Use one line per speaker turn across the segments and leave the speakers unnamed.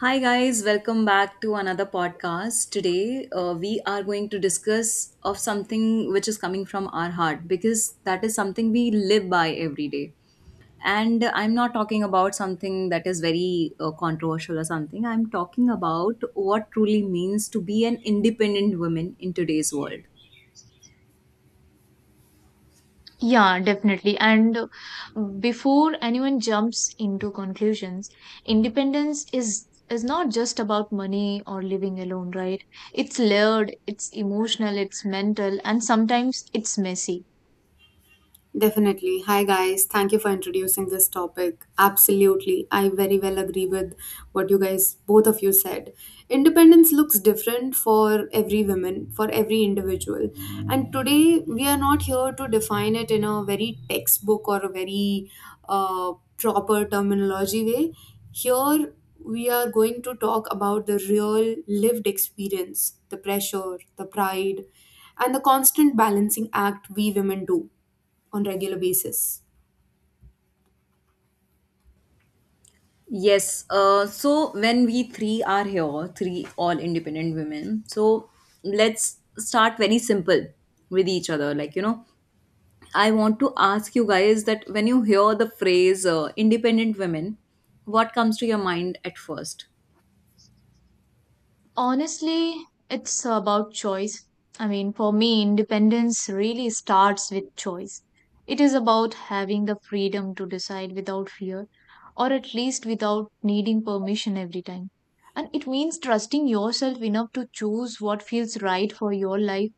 Hi, guys, welcome back to another podcast. Today, we are going to discuss of something which is coming from our heart because that is something we live by every day. And I'm not talking about something that is very controversial or something. I'm talking about what truly means to be an independent woman in today's world.
Yeah, definitely. And Before anyone jumps into conclusions, independence is not just about money or living alone, right? It's layered, it's emotional, it's mental, and sometimes it's messy.
Definitely. Hi, guys. Thank you for introducing this topic. Absolutely. I very well agree with what you guys, both of you said. Independence looks different for every woman, for every individual. And today, we are not here to define it in a very textbook or a very proper terminology way. Here, we are going to talk about the real lived experience, the pressure, the pride, and the constant balancing act we women do on regular basis.
Yes. So when we three are here, three all independent women. So let's start very simple with each other. Like, you know, I want to ask you guys that when you hear the phrase independent women, what comes to your mind at first?
Honestly, it's about choice. I mean, for me, independence really starts with choice. It is about having the freedom to decide without fear, or at least without needing permission every time. And it means trusting yourself enough to choose what feels right for your life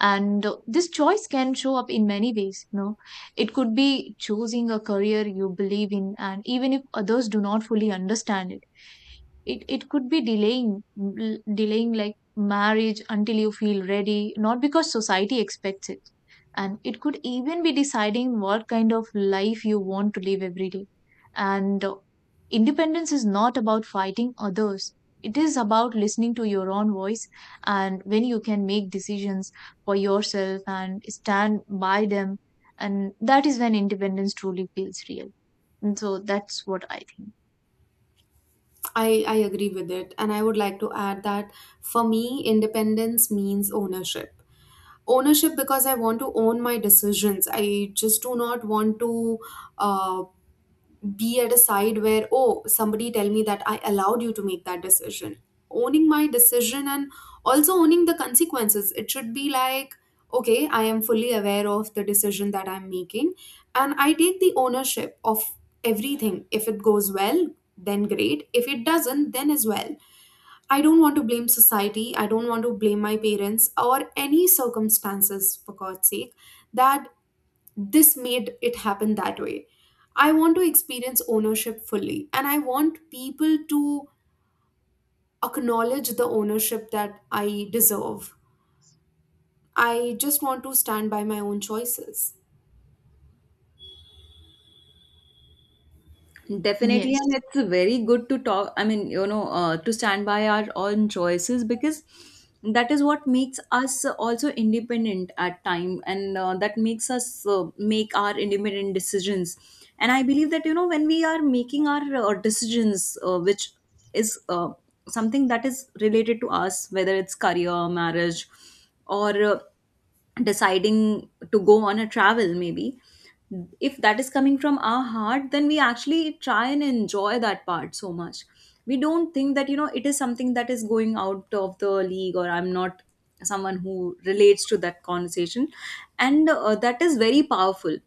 and this choice can show up in many ways, you know. It could be choosing a career you believe in, and even if others do not fully understand it, it could be delaying delaying, like, marriage until you feel ready, not because society expects it. And it could even be deciding what kind of life you want to live every day. And independence is not about fighting others. It is about listening to your own voice. And when you can make decisions for yourself and stand by them, and that is when independence truly feels real. And so that's what I think.
I agree with it. And I would like to add that for me, independence means ownership. Ownership because I want to own my decisions. I just do not want to uh, be at a side where oh somebody tell me that I allowed you to make that decision, owning my decision and also owning the consequences. It should be like okay, I am fully aware of the decision that I'm making and I take the ownership of everything. If it goes well then great, if it doesn't then as well, I don't want to blame society, I don't want to blame my parents or any circumstances for god's sake that this made it happen that way. I want to experience ownership fully, and I want people to acknowledge the ownership that I deserve. I just want to stand by my own choices.
Definitely, and
Yes.
it's very good to talk. I mean, you know, to stand by our own choices because that is what makes us also independent at time, and that makes us make our independent decisions. And I believe that, you know, when we are making our decisions, which is something that is related to us, whether it's career, marriage, or deciding to go on a travel maybe. If that is coming from our heart, then we actually try and enjoy that part so much. We don't think that, you know, it is something that is going out of the league, or I'm not someone who relates to that conversation. And that is very powerful.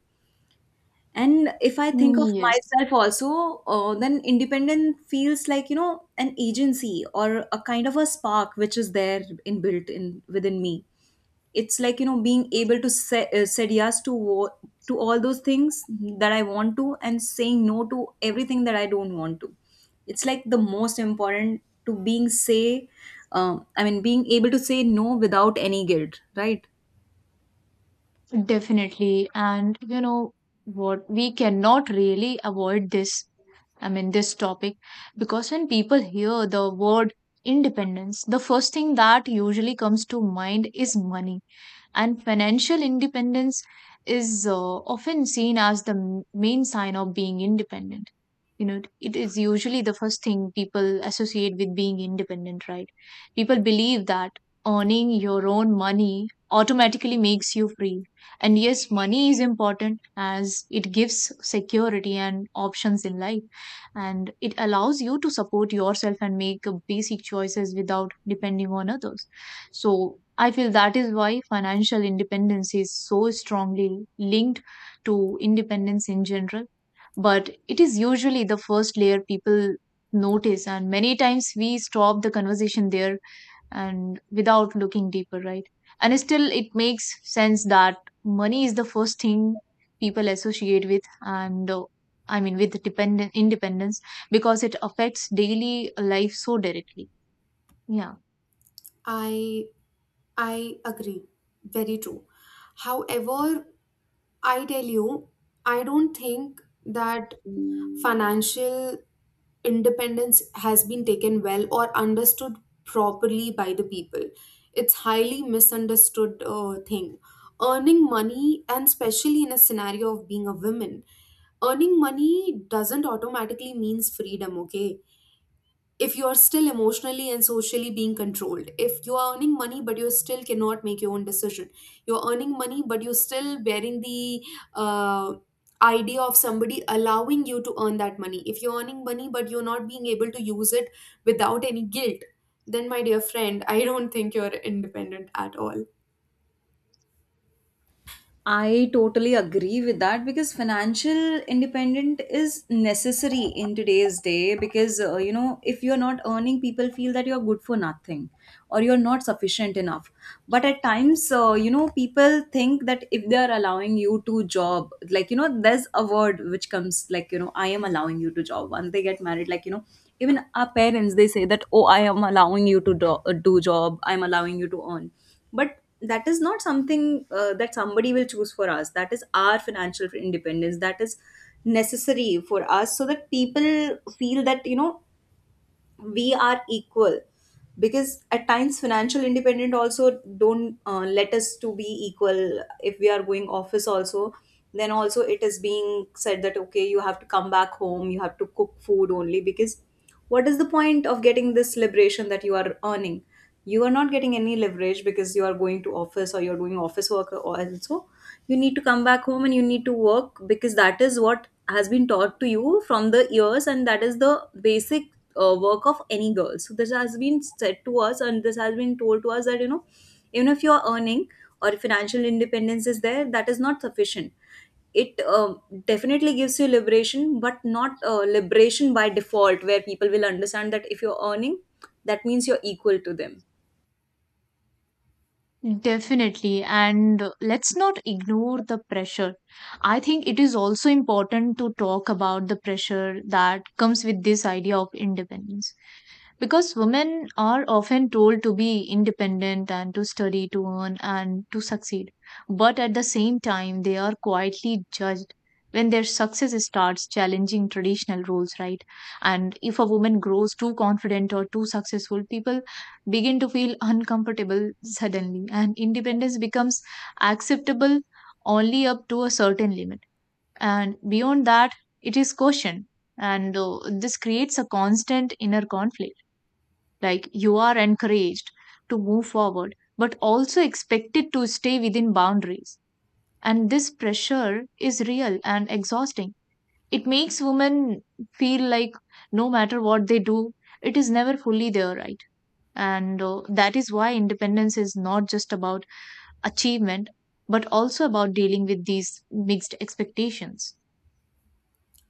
And if I think of
Yes,
myself also, then independent feels like, you know, an agency or a kind of a spark which is there in built in within me. It's like, you know, being able to say, said yes to to all those things that I want to, and saying no to everything that I don't want to. It's like the most important to being say, I mean, being able to say no without any guilt, right?
definitely. And you know what, we cannot really avoid this, I mean this topic, because when people hear the word independence, the first thing that usually comes to mind is money. And financial independence is often seen as the main sign of being independent. You know, it is usually the first thing people associate with being independent, right? People believe that earning your own money automatically makes you free. And yes, money is important, as it gives security and options in life, and it allows you to support yourself and make basic choices without depending on others. So I feel that is why financial independence is so strongly linked to independence in general. But it is usually the first layer people notice, and many times we stop the conversation there and without looking deeper, right? And still, it makes sense that money is the first thing people associate with, and I mean, with dependent independence, because it affects daily life so directly. Yeah.
I I agree. Very true. However, I tell you, I don't think that financial independence has been taken well or understood properly by the people. It's highly misunderstood thing. Earning money, and especially in a scenario of being a woman, earning money doesn't automatically means freedom, okay? If you are still emotionally and socially being controlled, if you are earning money but you still cannot make your own decision, you're earning money but you're still bearing the uh, idea of somebody allowing you to earn that money, if you're earning money but you're not being able to use it without any guilt, then my dear friend, I don't think you're independent at all.
I totally agree with that, because financial independent is necessary in today's day, because you know, if you're not earning, people feel that you're good for nothing or you're not sufficient enough. But at times, you know, people think that if they are allowing you to job, like, you know, there's a word which comes, like, you know, I am allowing you to job once they get married, like, you know, even our parents, they say that, oh, I am allowing you to do, do job, I'm allowing you to earn. But that is not something that somebody will choose for us. That is our financial independence, that is necessary for us, so that people feel that, you know, we are equal. Because at times financial independent also don't let us to be equal. If we are going office also, then also it is being said that, okay, you have to come back home, you have to cook food only. Because what is the point of getting this liberation that you are earning? You are not getting any leverage because you are going to office or you're doing office work. Or also you need to come back home and you need to work, because that is what has been taught to you from the years, and that is the basic work of any girl. So this has been said to us and this has been told to us that, you know, even if you are earning or financial independence is there, that is not sufficient. It definitely gives you liberation, but not liberation by default, where people will understand that if you're earning, that means you're equal to them.
Definitely. And let's not ignore the pressure. I think it is also important to talk about the pressure that comes with this idea of independence. Because women are often told to be independent and to study, to earn, and to succeed. But at the same time, they are quietly judged when their success starts challenging traditional roles, right? And if a woman grows too confident or too successful, people begin to feel uncomfortable suddenly, and independence becomes acceptable only up to a certain limit. And beyond that, it is cautioned. And this creates a constant inner conflict, like you are encouraged to move forward, but also expected to stay within boundaries. And this pressure is real and exhausting. It makes women feel like no matter what they do, it is never fully their right. And that is why independence is not just about achievement, but also about dealing with these mixed expectations.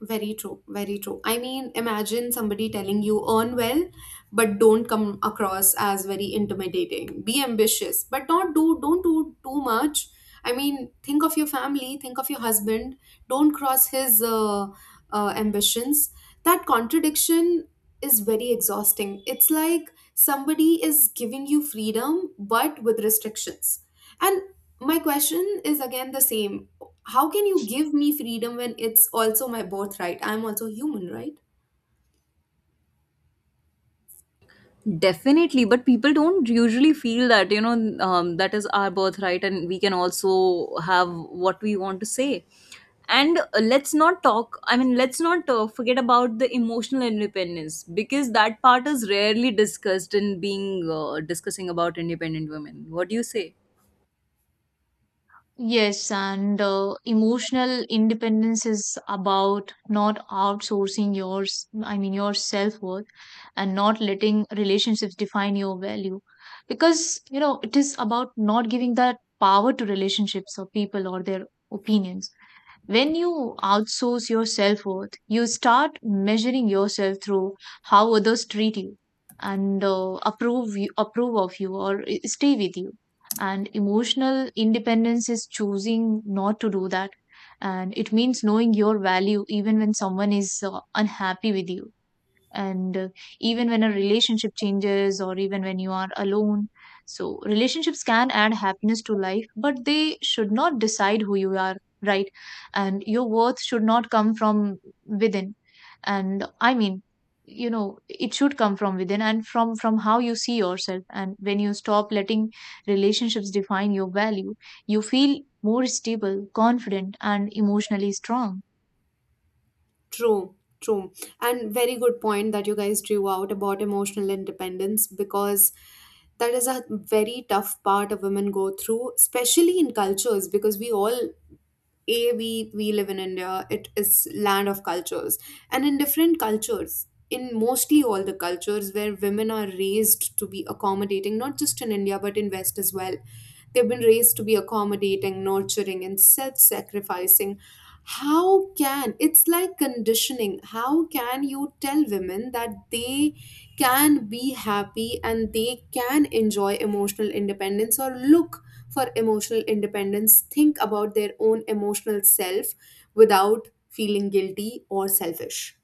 Very true, very true. I mean, imagine somebody telling you earn well, but don't come across as very intimidating. Be ambitious, but don't do too much. I mean, think of your family, think of your husband. Don't cross his ambitions. That contradiction is very exhausting. It's like somebody is giving you freedom, but with restrictions. And my question is again the same, how can you give me freedom when it's also my birthright? I'm also human, right?
Definitely, but people don't usually feel that, you know, that is our birthright and we can also have what we want to say. And let's not talk, I mean, let's not forget about the emotional independence, because that part is rarely discussed in being discussing about independent women. What do you say?
Yes, and emotional independence is about not outsourcing your self-worth and not letting relationships define your value. Because, you know, it is about not giving that power to relationships or people or their opinions. When you outsource your self worth, you start measuring yourself through how others treat you and approve of you or stay with you. And emotional independence is choosing not to do that, and it means knowing your value even when someone is unhappy with you and even when a relationship changes or even when you are alone. So relationships can add happiness to life, but they should not decide who you are, right? And your worth should not come from within, and I mean, you know, it should come from within and from how you see yourself. And when you stop letting relationships define your value, you feel more stable, confident, and emotionally strong.
True, true. And very good point that you guys drew out about emotional independence, because that is a very tough part a women go through, especially in cultures, because we all a we live in India, it is land of cultures. And in different cultures, in mostly all the cultures where women are raised to be accommodating, not just in India but in West as well. They've been raised to be accommodating, nurturing, and self sacrificing. How can, it's like conditioning? How can you tell women that they can be happy and they can enjoy emotional independence or look for emotional independence, think about their own emotional self without feeling guilty or selfish?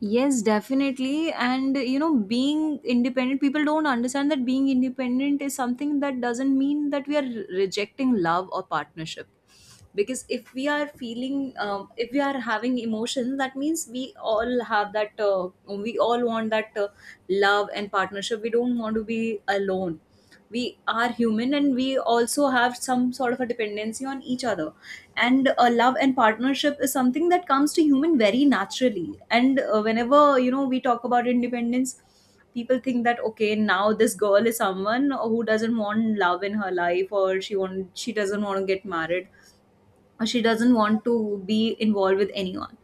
Yes, definitely. And you know, being independent, people don't understand that being independent is something that doesn't mean that we are rejecting love or partnership. Because if we are feeling, if we are having emotions, that means we all have that, we all want that love and partnership. We don't want to be alone. We are human and we also have some sort of a dependency on each other. And a love and partnership is something that comes to human very naturally. And whenever, you know, we talk about independence, people think that, okay, now this girl is someone who doesn't want love in her life, or she doesn't want to get married, or she doesn't want to be involved with anyone.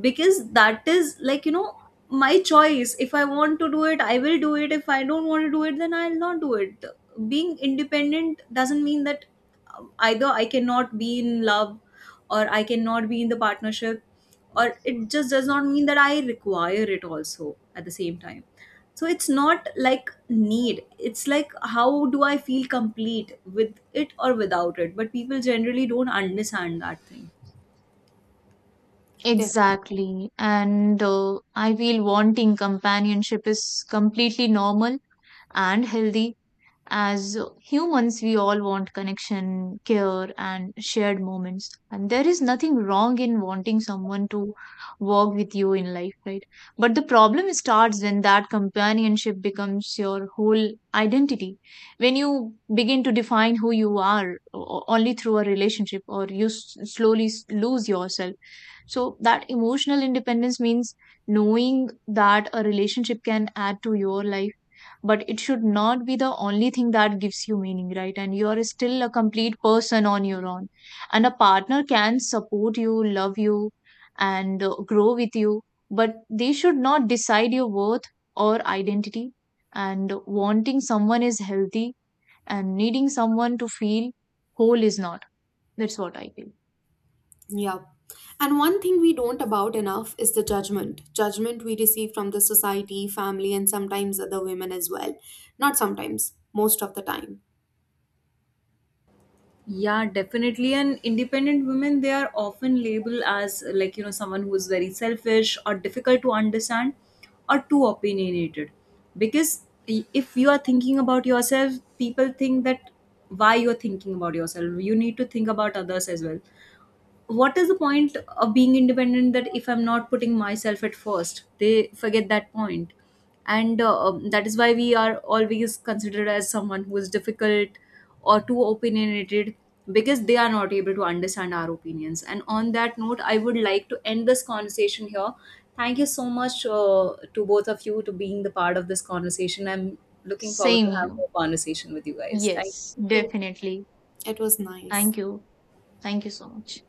Because that is like, you know, my choice. If I want to do it, I will do it. If I don't want to do it, then I'll not do it. Being independent doesn't mean that, either I cannot be in love or I cannot be in the partnership, or it just does not mean that I require it also at the same time. So it's not like need, it's like how do I feel complete with it or without it. But people generally don't understand that thing.
Exactly. And I feel wanting companionship is completely normal and healthy. As humans, we all want connection, care, and shared moments. And there is nothing wrong in wanting someone to walk with you in life, right? But the problem starts when that companionship becomes your whole identity. When you begin to define who you are only through a relationship, or you slowly lose yourself. So, that emotional independence means knowing that a relationship can add to your life, but it should not be the only thing that gives you meaning, right? And you are still a complete person on your own. And a partner can support you, love you, and grow with you, but they should not decide your worth or identity. And wanting someone is healthy, and needing someone to feel whole is not. That's what I feel.
Yeah. And one thing we don't about enough is the judgment. Judgment we receive from the society, family, and sometimes other women as well. Not sometimes, most of the time.
Yeah, definitely. And independent women, they are often labeled as, like, you know, someone who is very selfish or difficult to understand or too opinionated. Because if you are thinking about yourself, people think that why you're thinking about yourself. You need to think about others as well. What is the point of being independent that if I'm not putting myself at first? They forget that point. And that is why we are always considered as someone who is difficult or too opinionated, because they are not able to understand our opinions. And on that note, I would like to end this conversation here. Thank you so much, to both of you, to being the part of this conversation. I'm looking forward
Same
to have
you.
a conversation with you guys. Thank
Yes,
you.
Thank you.
definitely.
It was nice.
Thank you. Thank you so much.